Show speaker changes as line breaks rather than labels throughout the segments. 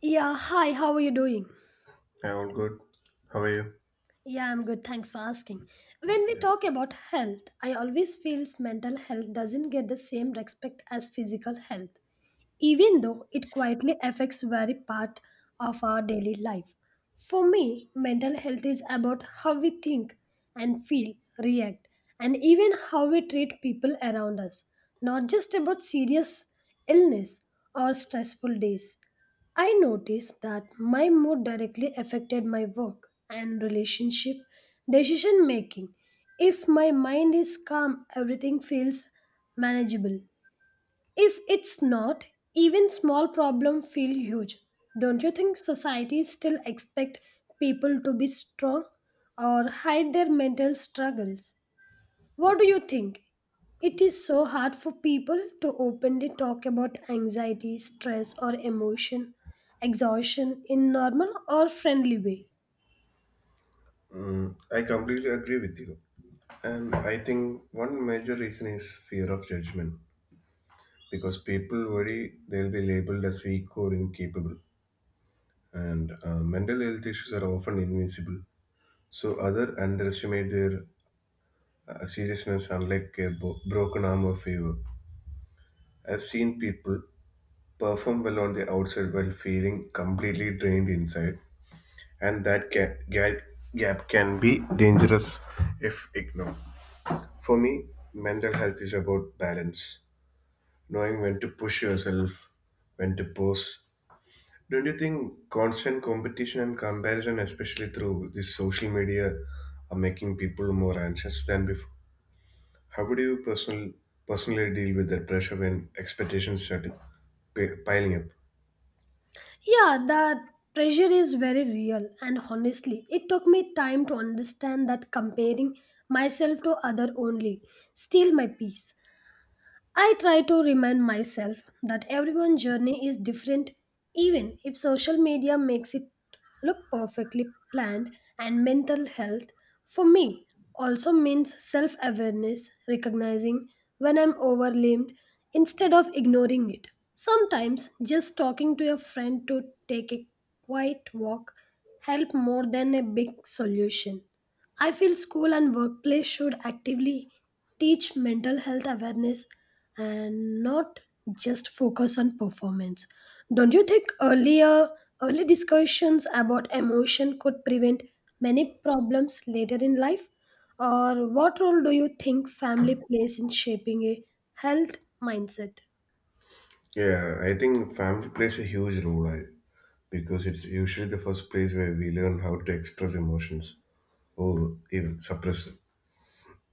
Yeah, hi, how are you doing?
Hi, all good. How are you?
Yeah, I'm good, thanks for asking. When we talk about health, I always feel mental health doesn't get the same respect as physical health, even though it quietly affects very part of our daily life. For me, mental health is about how we think and feel, react, and even how we treat people around us, not just about serious illness or stressful days. I noticed that my mood directly affected my work and relationship decision making. If my mind is calm, everything feels manageable. If it's not, even small problems feel huge. Don't you think society still expect people to be strong or hide their mental struggles? What do you think? It is so hard for people to openly talk about anxiety, stress or emotion, exhaustion in normal or friendly way.
Mm, I completely agree with you. And I think one major reason is fear of judgment because people worry they'll be labeled as weak or incapable. And mental health issues are often invisible. So others underestimate their seriousness, unlike a broken arm or fever. I've seen people perform well on the outside while feeling completely drained inside. And that gap can be dangerous if ignored. For me, mental health is about balance, knowing when to push yourself, when to pause. Don't you think constant competition and comparison, especially through this social media, are making people more anxious than before? How would you personally deal with that pressure when expectations start piling up?
Yeah, that pressure is very real, and honestly, it took me time to understand that comparing myself to other only steal my peace. I try to remind myself that everyone's journey is different, even if social media makes it look perfectly planned, and mental health for me also means self awareness, recognizing when I'm overwhelmed instead of ignoring it. Sometimes just talking to a friend to take a quiet walk help more than a big solution. I feel school and workplace should actively teach mental health awareness and not just focus on performance. Don't you think earlier early discussions about emotion could prevent many problems later in life? Or what role do you think family plays in shaping a health mindset?
Yeah, I think family plays a huge role I, because it's usually the first place where we learn how to express emotions or even suppress them.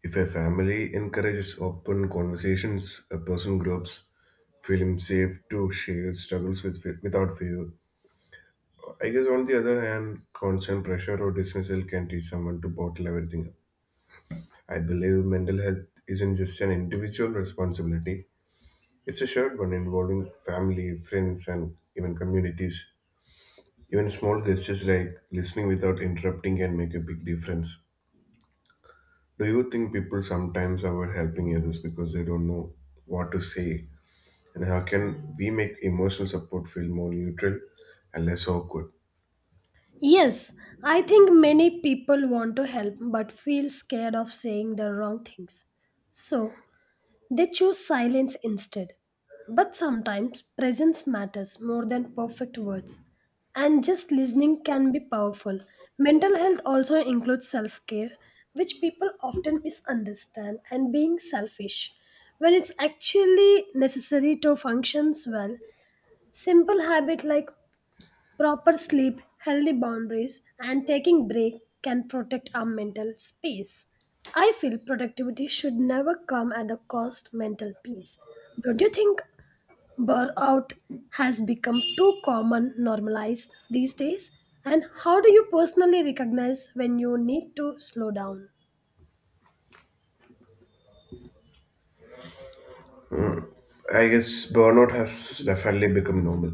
If a family encourages open conversations, a person groups feeling safe to share struggles with without fear. I guess on the other hand, constant pressure or dismissal can teach someone to bottle everything up. I believe mental health isn't just an individual responsibility; it's a shared one involving family, friends, and even communities. Even small gestures like listening without interrupting can make a big difference. Do you think people sometimes avoid helping others because they don't know what to say? And how can we make emotional support feel more neutral and less awkward?
Yes, I think many people want to help but feel scared of saying the wrong things. So, they choose silence instead. But sometimes presence matters more than perfect words. And just listening can be powerful. Mental health also includes self care, which people often misunderstand and being selfish. When it's actually necessary to functions well, simple habit like proper sleep, healthy boundaries, and taking break can protect our mental space. I feel productivity should never come at the cost of mental peace. Don't you think burnout has become too common normalized these days? And how do you personally recognize when you need to slow down?
I guess burnout has definitely become normal,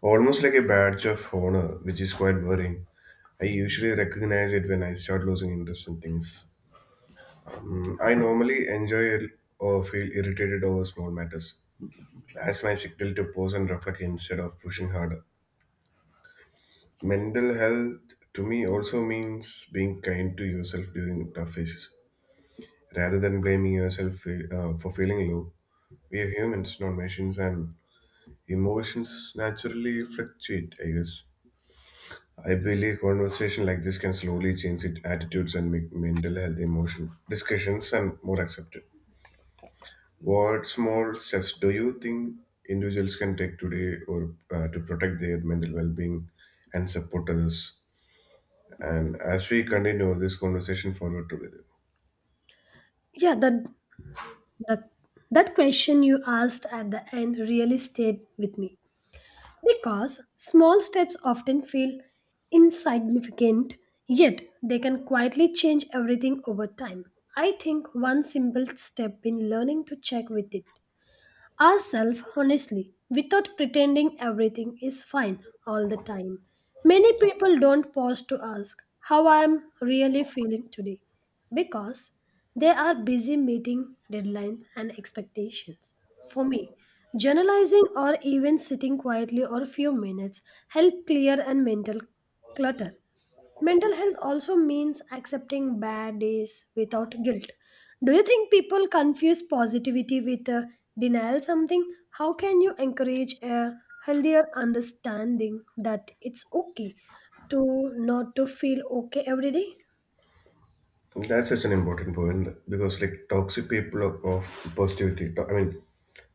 almost like a badge of honor, which is quite worrying. I usually recognize it when I start losing interest in things. Mm, I normally enjoy or feel irritated over small matters. That's my signal to pause and reflect instead of pushing harder. Mental health to me also means being kind to yourself during tough phases rather than blaming yourself for feeling low. We are humans, not machines, and emotions naturally fluctuate, I guess. I believe conversation like this can slowly change it, attitudes and make mental health, emotion discussions, and more accepted. What small steps do you think individuals can take today, or to protect their mental well-being and support others? And as we continue this conversation forward together.
Yeah, that, that question you asked at the end really stayed with me, because small steps often feel insignificant, yet they can quietly change everything over time. I think one simple step in learning to check with it ourselves honestly without pretending everything is fine all the time. Many people don't pause to ask how I am really feeling today because they are busy meeting deadlines and expectations. For me, journalizing or even sitting quietly for a few minutes help clear and mental clutter. Mental health also means accepting bad days without guilt. Do you think people confuse positivity with denial something? How can you encourage a healthier understanding that it's okay to not to feel okay every day?
That's such an important point because, like, toxic people of positivity, I mean,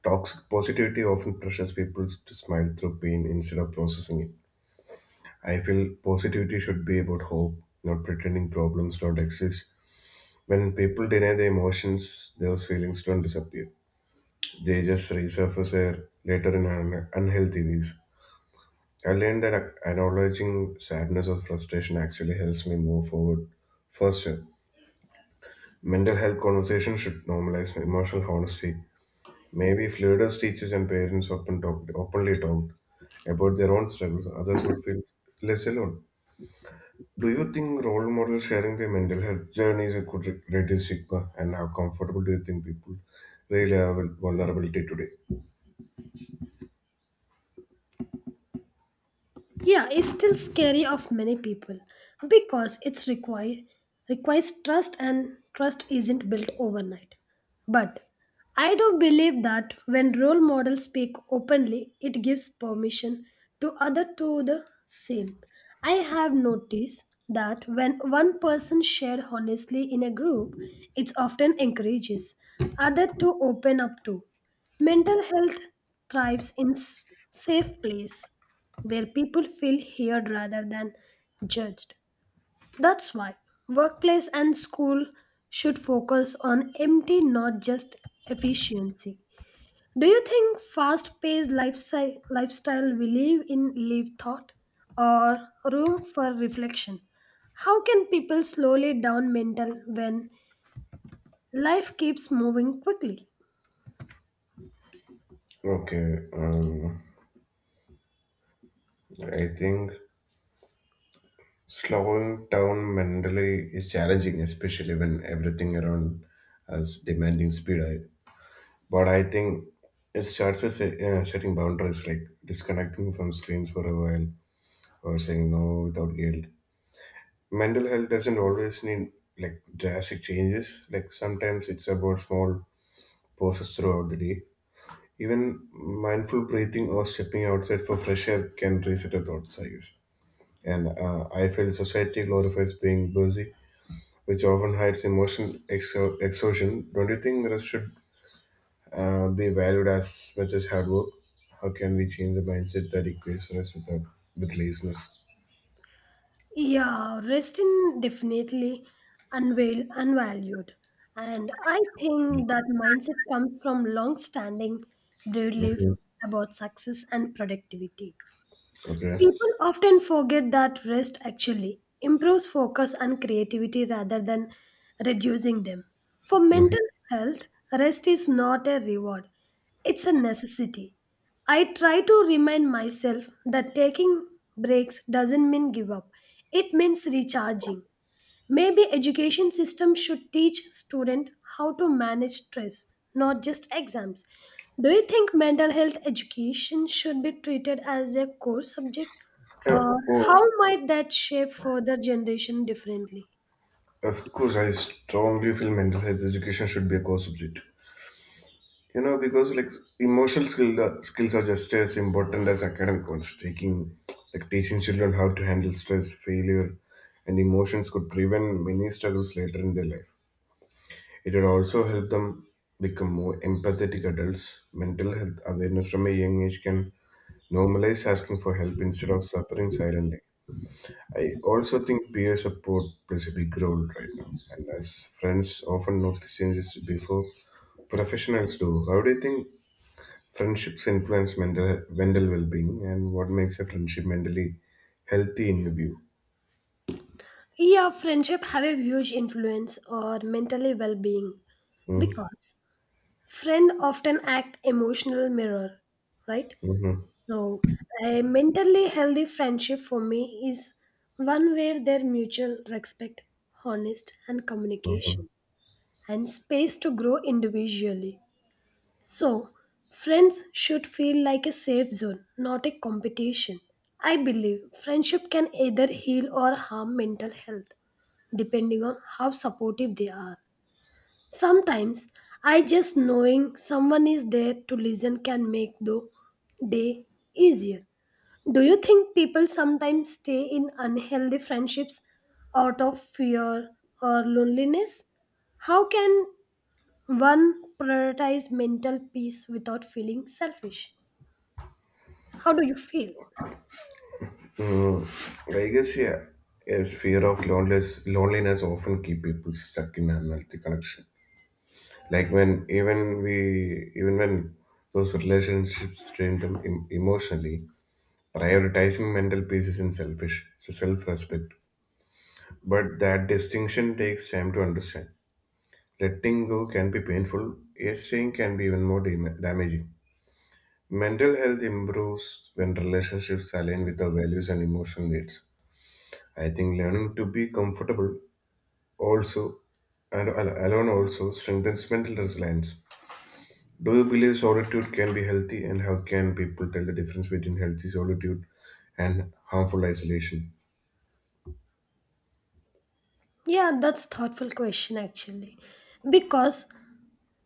toxic positivity often pressures people to smile through pain instead of processing it. I feel positivity should be about hope, not pretending problems don't exist. When people deny their emotions, those feelings don't disappear. They just resurface there later in unhealthy ways. I learned that acknowledging sadness or frustration actually helps me move forward faster. Mental health conversations should normalize emotional honesty. Maybe if leaders, teachers, and parents openly talked about their own struggles, others would feel less alone. Do you think role models sharing their mental health journeys could reduce stigma? And how comfortable do you think people really are with vulnerability today?
Yeah, it's still scary of many people because it's require requires trust and trust isn't built overnight. But I do believe that when role models speak openly, it gives permission to other to the same. I have noticed that when one person shared honestly in a group, it often encourages other to open up too. Mental health thrives in safe place where people feel heard rather than judged. That's why workplace and school should focus on empty, not just efficiency. Do you think fast paced lifestyle we live in leave thought or room for reflection? How can people slowly down mental when life keeps moving quickly?
Okay, I think slowing down mentally is challenging, especially when everything around us demanding speed. But I think it starts with setting boundaries, like disconnecting from screens for a while or saying no without guilt. Mental health doesn't always need like drastic changes. Like sometimes it's about small pauses throughout the day. Even mindful breathing or stepping outside for fresh air can reset the thoughts, I guess. And I feel society glorifies being busy, which often hides emotional exhaustion. Don't you think that should be valued as much as hard work? How can we change the mindset that equates rest without with laziness?
Yeah, rest in definitely unveil unvalued. And I think that mindset comes from long standing belief
Hmm.
about success and productivity.
Okay.
People often forget that rest actually improves focus and creativity rather than reducing them. For
Hmm.
mental health, rest is not a reward, it's a necessity. I try to remind myself that taking breaks doesn't mean give up, it means recharging. Maybe education system should teach student how to manage stress, not just exams. Do you think mental health education should be treated as a core subject?
Yeah.
Or
Oh,
how might that shape further generation differently?
of course, I strongly feel mental health education should be a core subject. You know, because like skills are just as important as academic ones. Taking, like teaching children how to handle stress, failure, and emotions could prevent many struggles later in their life. It will also help them become more empathetic adults. Mental health awareness from a young age can normalize asking for help instead of suffering silently. I also think peer support plays a big role right now, and as friends often notice changes before professionals do. How do you think friendships influence mental well-being, and what makes a friendship mentally healthy in your view?
Yeah, friendship have a huge influence on mentally well-being
Mm-hmm.
because friend often act emotional mirror, right?
Mm-hmm.
So, a mentally healthy friendship for me is one where there mutual respect, honest and
Mm-hmm.
communication and space to grow individually. So, friends should feel like a safe zone, not a competition. I believe friendship can either heal or harm mental health depending on how supportive they are. Sometimes I just knowing someone is there to listen can make the day easier. Do you think people sometimes stay in unhealthy friendships out of fear or loneliness? How can one prioritize mental peace without feeling selfish? How do you feel?
I guess yeah, yes, fear of loneliness often keep people stuck in unhealthy connection. Like when even we even when those relationships strain them emotionally, prioritizing mental peace isn't selfish. It's a self-respect. But that distinction takes time to understand. Letting go can be painful. Yet staying can be even more damaging. Mental health improves when relationships align with our values and emotional needs. I think learning to be comfortable Also, and alone also strengthens mental resilience. Do you believe solitude can be healthy, and how can people tell the difference between healthy solitude and harmful isolation?
Yeah, that's thoughtful question actually. Because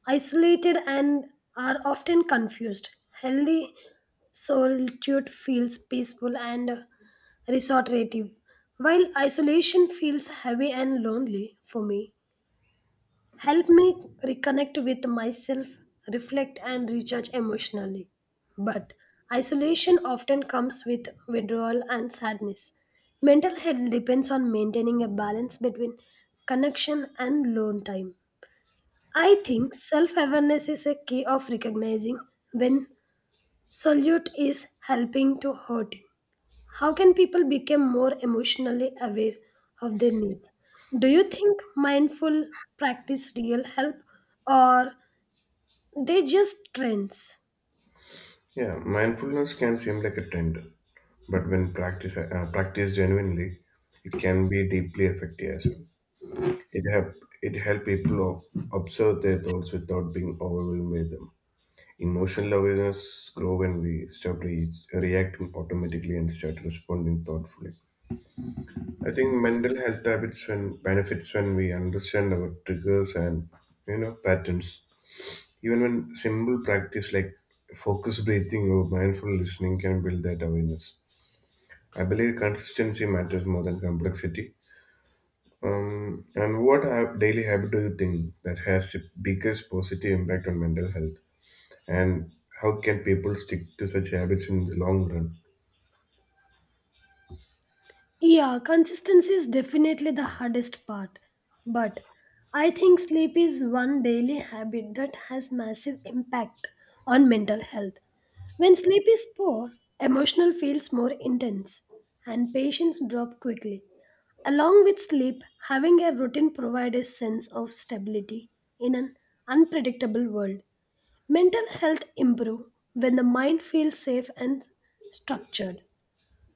isolated and are often confused. Healthy solitude feels peaceful and restorative, while isolation feels heavy and lonely for me. Help me reconnect with myself, reflect, and recharge emotionally. But isolation often comes with withdrawal and sadness. Mental health depends on maintaining a balance between connection and alone time. I think self awareness is a key of recognizing when solitude is helping to hurt. How can people become more emotionally aware of their needs? Do you think mindful practice real help or they just trends?
Yeah, mindfulness can seem like a trend, but when practiced genuinely, it can be deeply effective as well. It help it help people observe their thoughts without being overwhelmed by them. Emotional awareness grow when we stop reacting automatically and start responding thoughtfully. I think mental health habits when benefits when we understand our triggers and you know patterns. Even when simple practice like focused breathing or mindful listening can build that awareness. I believe consistency matters more than complexity. And what daily habit do you think that has the biggest positive impact on mental health? And how can people stick to such habits in the long run?
Yeah, consistency is definitely the hardest part. But I think sleep is one daily habit that has massive impact on mental health. When sleep is poor, emotional feels more intense and patience drop quickly. Along with sleep, having a routine provides a sense of stability in an unpredictable world. Mental health improve when the mind feels safe and structured.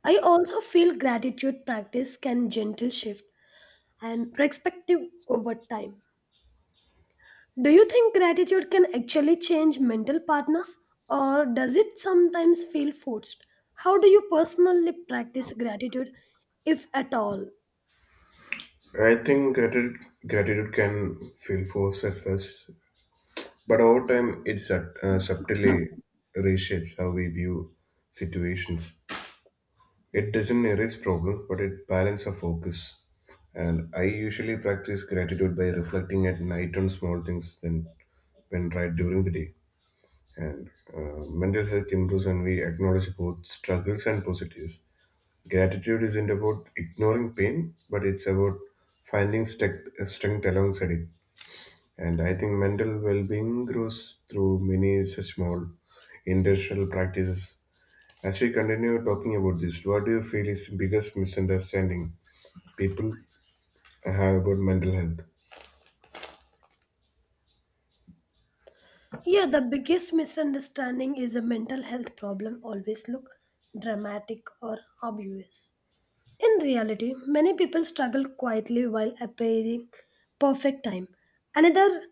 I also feel gratitude practice can gentle shift and perspective over time. Do you think gratitude can actually change mental partners or does it sometimes feel forced? How do you personally practice gratitude if at all?
I think gratitude can feel forced at first, but over time, it subtly reshapes how we view situations. It doesn't erase problems, but it balances our focus. And I usually practice gratitude by reflecting at night on small things than when right during the day. And mental health improves when we acknowledge both struggles and positives. Gratitude isn't about ignoring pain, but it's about finding strength alongside it. And I think mental well being grows through many such small industrial practices. As we continue talking about this, what do you feel is biggest misunderstanding people have about mental health?
Yeah, the biggest misunderstanding is a mental health problem always look dramatic or obvious. In reality, many people struggle quietly while appearing perfect time. Another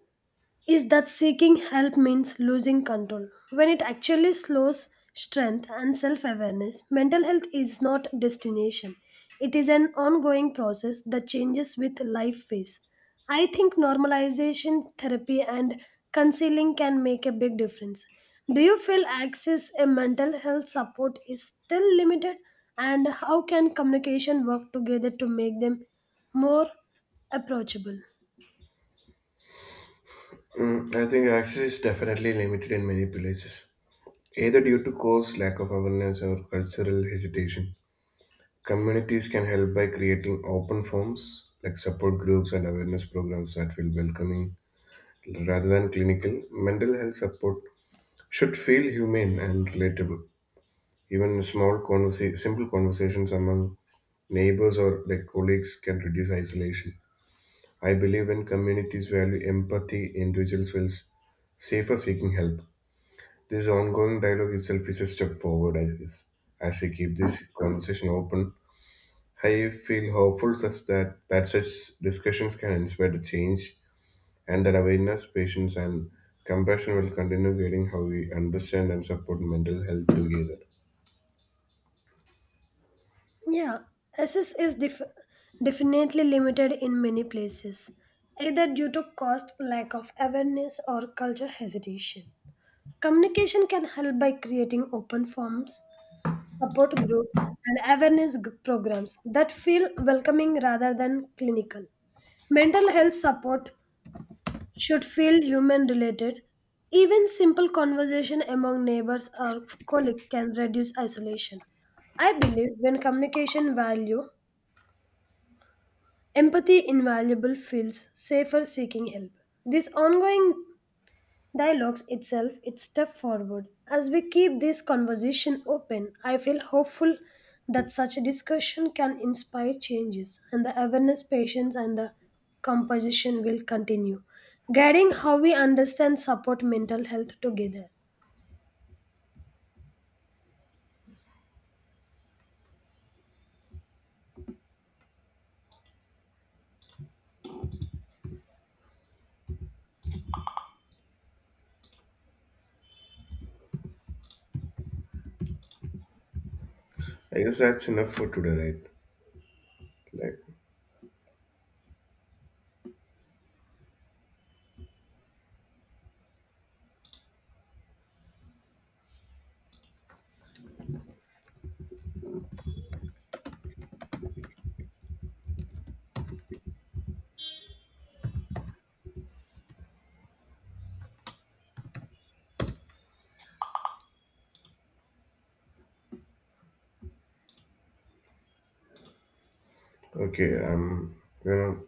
is that seeking help means losing control when it actually slows strength and self awareness. Mental health is not a destination, it is an ongoing process that changes with life phase. I think normalization therapy and counseling can make a big difference. Do you feel access a mental health support is still limited and how can communication work together to make them more approachable?
Mm, I think access is definitely limited in many places, either due to cost, lack of awareness, or cultural hesitation. Communities can help by creating open forms like support groups and awareness programs that feel welcoming rather than clinical. Mental health support should feel humane and relatable. Even small simple conversations among neighbors or like colleagues can reduce isolation. I believe when communities value empathy, individuals feel safer seeking help. This ongoing dialogue itself is a step forward, I guess. As we keep this conversation open, I feel hopeful that such discussions can inspire the change and that awareness, patience, and compassion will continue guiding how we understand and support mental health together.
Yeah, access is definitely limited in many places, either due to cost, lack of awareness, or culture hesitation. Communication can help by creating open forums, support groups, and awareness programs that feel welcoming rather than clinical. Mental health support should feel human related. Even simple conversation among neighbors or colleagues can reduce isolation. I believe when communication value empathy invaluable feels safer seeking help. This ongoing dialogues itself its step forward. As we keep this conversation open, I feel hopeful that such a discussion can inspire changes and the awareness, patience and the composition will continue, guiding how we understand support mental health together.
I guess that's enough for today, right? Like, okay, you know,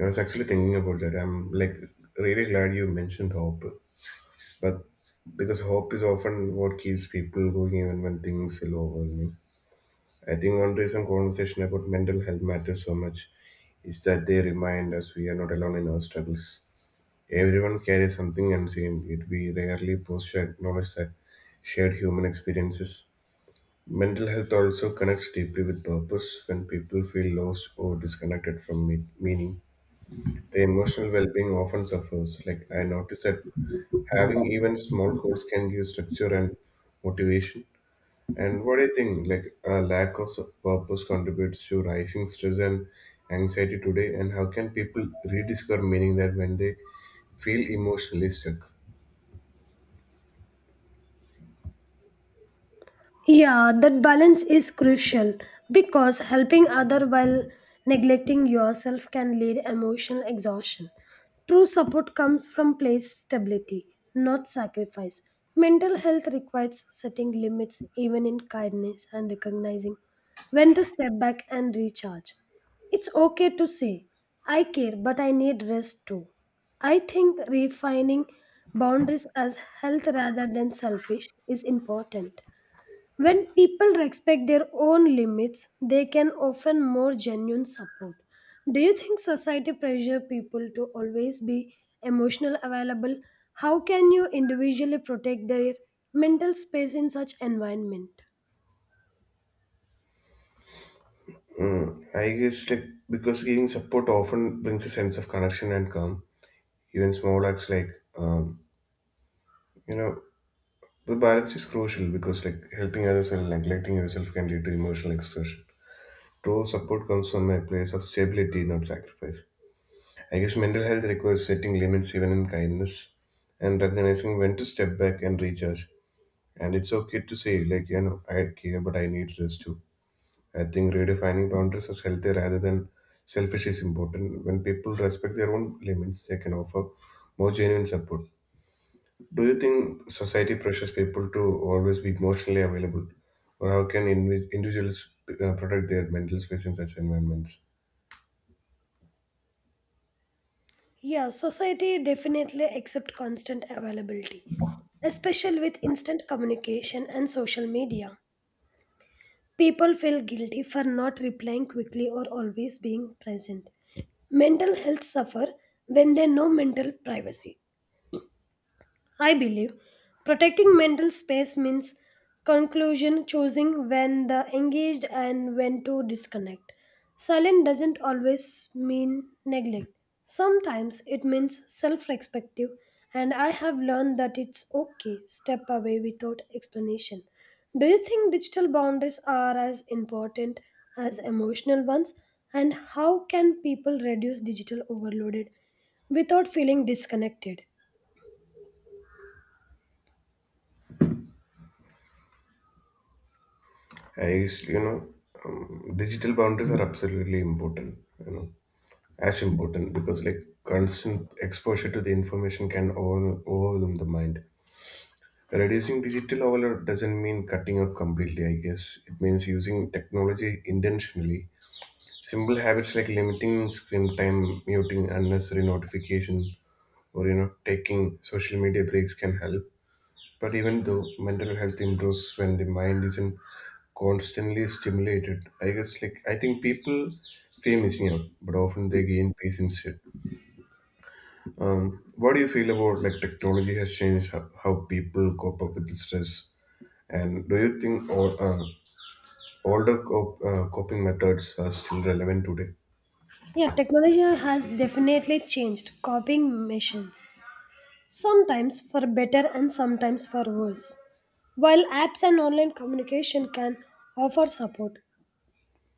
I was actually thinking about that. I'm like really glad you mentioned hope, but because hope is often what keeps people going even when things feel overwhelming. I think one reason conversation about mental health matters so much is that they remind us we are not alone in our struggles. Everyone carries something unseen, yet we rarely pause to acknowledge that shared human experiences. Mental health also connects deeply with purpose. When people feel lost or disconnected from meaning, their emotional well being often suffers. Like I noticed that having even small goals can give structure and motivation. And what do you think? Like a lack of purpose contributes to rising stress and anxiety today. And how can people rediscover meaning that when they feel emotionally stuck?
Yeah, that balance is crucial because helping other while neglecting yourself can lead emotional exhaustion. True support comes from place stability, not sacrifice. Mental health requires setting limits even in kindness and recognizing when to step back and recharge. It's okay to say, I care, but I need rest too. I think refining boundaries as health rather than selfish is important. When people respect their own limits, they can offer more genuine support. Do you think society pressure people to always be emotional available? How can you individually protect their mental space in such environment?
Mm, I guess like because giving support often brings a sense of connection and calm even small acts like um, you know the balance is crucial because like helping others while neglecting yourself can lead to emotional exhaustion. True support comes from a place of stability, not sacrifice. I guess mental health requires setting limits even in kindness and recognizing when to step back and recharge. And it's okay to say, like, you know, I care, but I need rest too. I think redefining boundaries as healthy rather than selfish is important. When people respect their own limits, they can offer more genuine support. Do you think society pressures people to always be emotionally available, or how can individuals protect their mental space in such environments?
Yeah, society definitely accept constant availability, especially with instant communication and social media. People feel guilty for not replying quickly or always being present. Mental health suffer when there no mental privacy. I believe protecting mental space means conclusion choosing when the engaged and when to disconnect. Silence doesn't always mean neglect. Sometimes it means self-respective and I have learned that it's okay step away without explanation. Do you think digital boundaries are as important as emotional ones and how can people reduce digital overloaded without feeling disconnected?
I used, you know, Digital boundaries are absolutely important. You know, as important because like constant exposure to the information can overwhelm the mind. Reducing digital overload doesn't mean cutting off completely. I guess it means using technology intentionally. Simple habits like limiting screen time, muting unnecessary notification, or you know taking social media breaks can help but even though mental health improves when the mind isn't constantly stimulated I guess like I think people feel missing out but often they gain peace instead. What do you feel about like technology has changed how people cope up with the stress, and do you think older coping methods are still relevant today?
Yeah, technology has definitely changed copying missions, sometimes for better and sometimes for worse. While apps and online communication can offer support,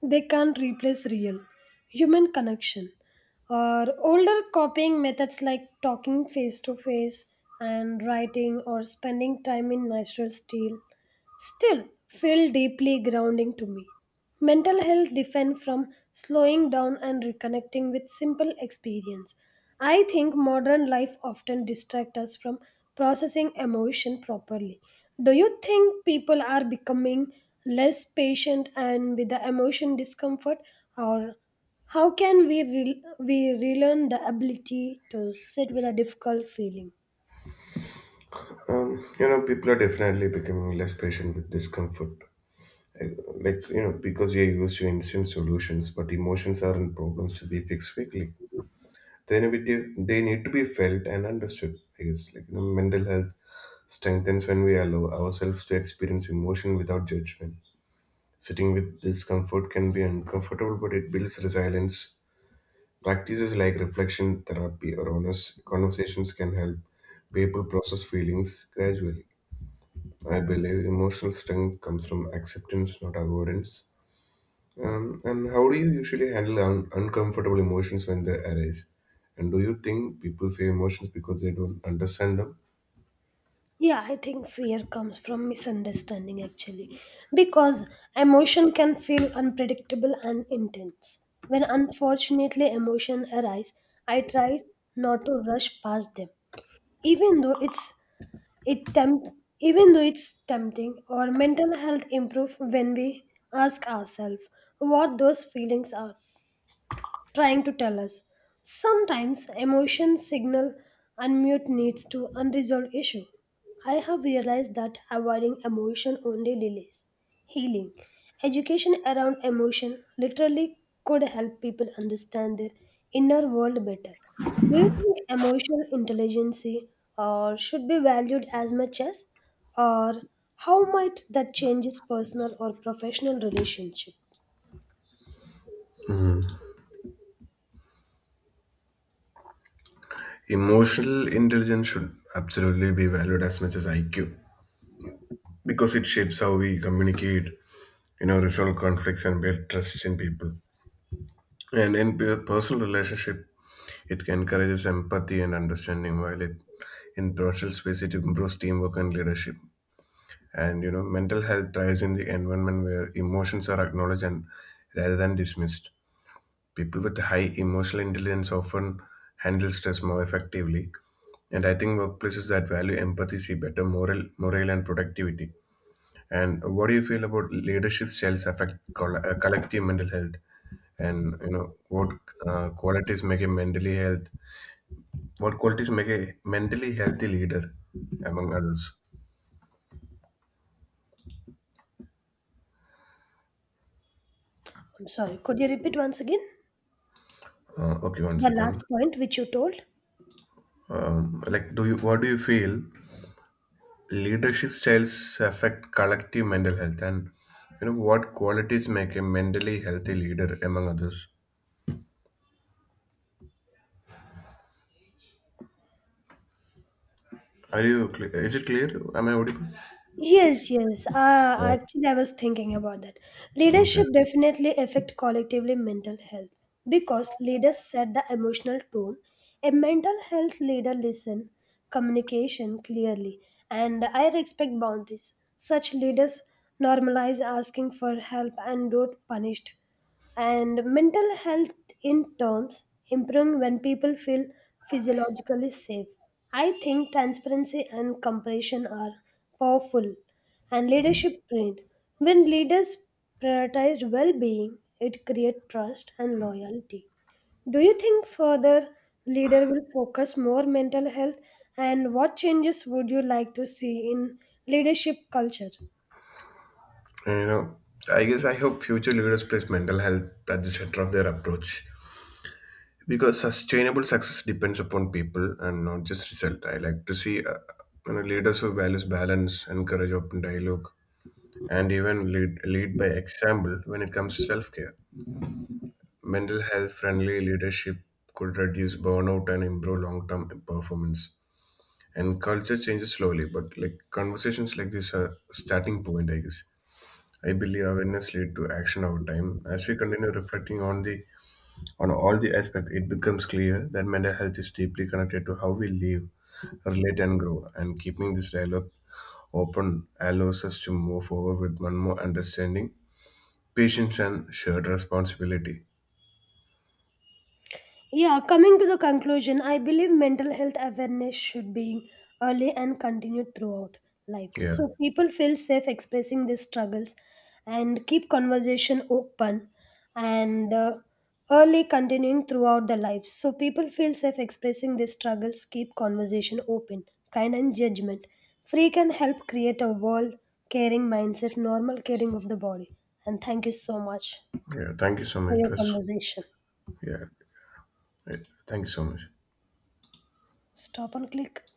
they can't replace real human connection. Or older copying methods like talking face to face and writing or spending time in natural style still feel deeply grounding to me. Mental health defend from slowing down and reconnecting with simple experience. I think modern life often distract us from processing emotion properly. Do you think people are becoming less patient and with the emotion discomfort or how can we relearn the ability to sit with a difficult feeling?
You know people are definitely becoming less patient with discomfort like you know because we are used to instant solutions but emotions aren't problems to be fixed quickly. They need to be felt and understood I guess like you know, mental health strengthens when we allow ourselves to experience emotion without judgment. Sitting with discomfort can be uncomfortable but it builds resilience. Practices like reflection therapy or honest conversations can help people process feelings gradually. I believe emotional strength comes from acceptance not avoidance. And how do you usually handle uncomfortable emotions when they arise? And do you think people fear emotions because they don't understand them?
Yeah, I think fear comes from misunderstanding actually, because emotion can feel unpredictable and intense. When unfortunately emotion arise, I try not to rush past them, even though it's it tempt, even though it's tempting. Our mental health improve when we ask ourselves what those feelings are trying to tell us. Sometimes emotions signal unmute needs to unresolved issue. I have realized that avoiding emotion only delays healing. Education around emotion literally could help people understand their inner world better. Do you think emotional intelligence or should be valued as much as or how might that changes personal or professional relationship?
Emotional intelligence should absolutely be valued as much as IQ because it shapes how we communicate, you know, resolve conflicts and build trust in people. And in personal relationship, it encourages empathy and understanding, while it in professional space it improves teamwork and leadership. And you know mental health thrives in the environment where emotions are acknowledged and rather than dismissed. People with high emotional intelligence often handle stress more effectively, and I think workplaces that value empathy see better morale and productivity. And what do you feel about leadership styles affect collective mental health, and you know uh, qualities make a mentally health what qualities make a mentally healthy leader among others?
I'm sorry, could you repeat once again?
Okay, one
The
second.
last point which you told?
Like, do you what do you feel leadership styles affect collective mental health, and you know what qualities make a mentally healthy leader among others? Are you clear? Is it clear? Am I audible?
Yes, yes.
Yeah.
Actually, I was thinking about that.
Okay.
Leadership definitely affect collectively mental health because leaders set the emotional tone. A mental health leader listen communication clearly and I respect boundaries. Such leaders normalize asking for help and don't punished. And mental health in terms improving when people feel physiologically safe. I think transparency and compassion are powerful and leadership trained when leaders prioritize well-being. It creates trust and loyalty. Do you think further leader will focus more mental health and what changes would you like to see in leadership culture?
And, you know, I guess I hope future leaders place mental health at the center of their approach because sustainable success depends upon people and not just result. I like to see you know, leaders who values balance, encourage open dialogue, and even lead by example when it comes to self care. Mental health friendly leadership could reduce burnout and improve long term performance. And culture changes slowly, but like conversations like this are a starting point, I guess. I believe awareness lead to action over time. As we continue reflecting on all the aspects, it becomes clear that mental health is deeply connected to how we live, relate, and grow. And keeping this dialogue open allows us to move forward with one more understanding, patience, and shared responsibility.
Yeah, coming to the conclusion, I believe mental health awareness should be early and continued throughout life.
Yeah,
So people feel safe expressing their struggles and keep conversation open and early continuing throughout the life. So people feel safe expressing their struggles, keep conversation open, kind and judgment. Free can help create a world caring mindset, normal caring of the body. And thank you so much
yeah. Thank you so
for
much. It
your
was
conversation.
yeah. Right. Thank you so much.
Stop and click.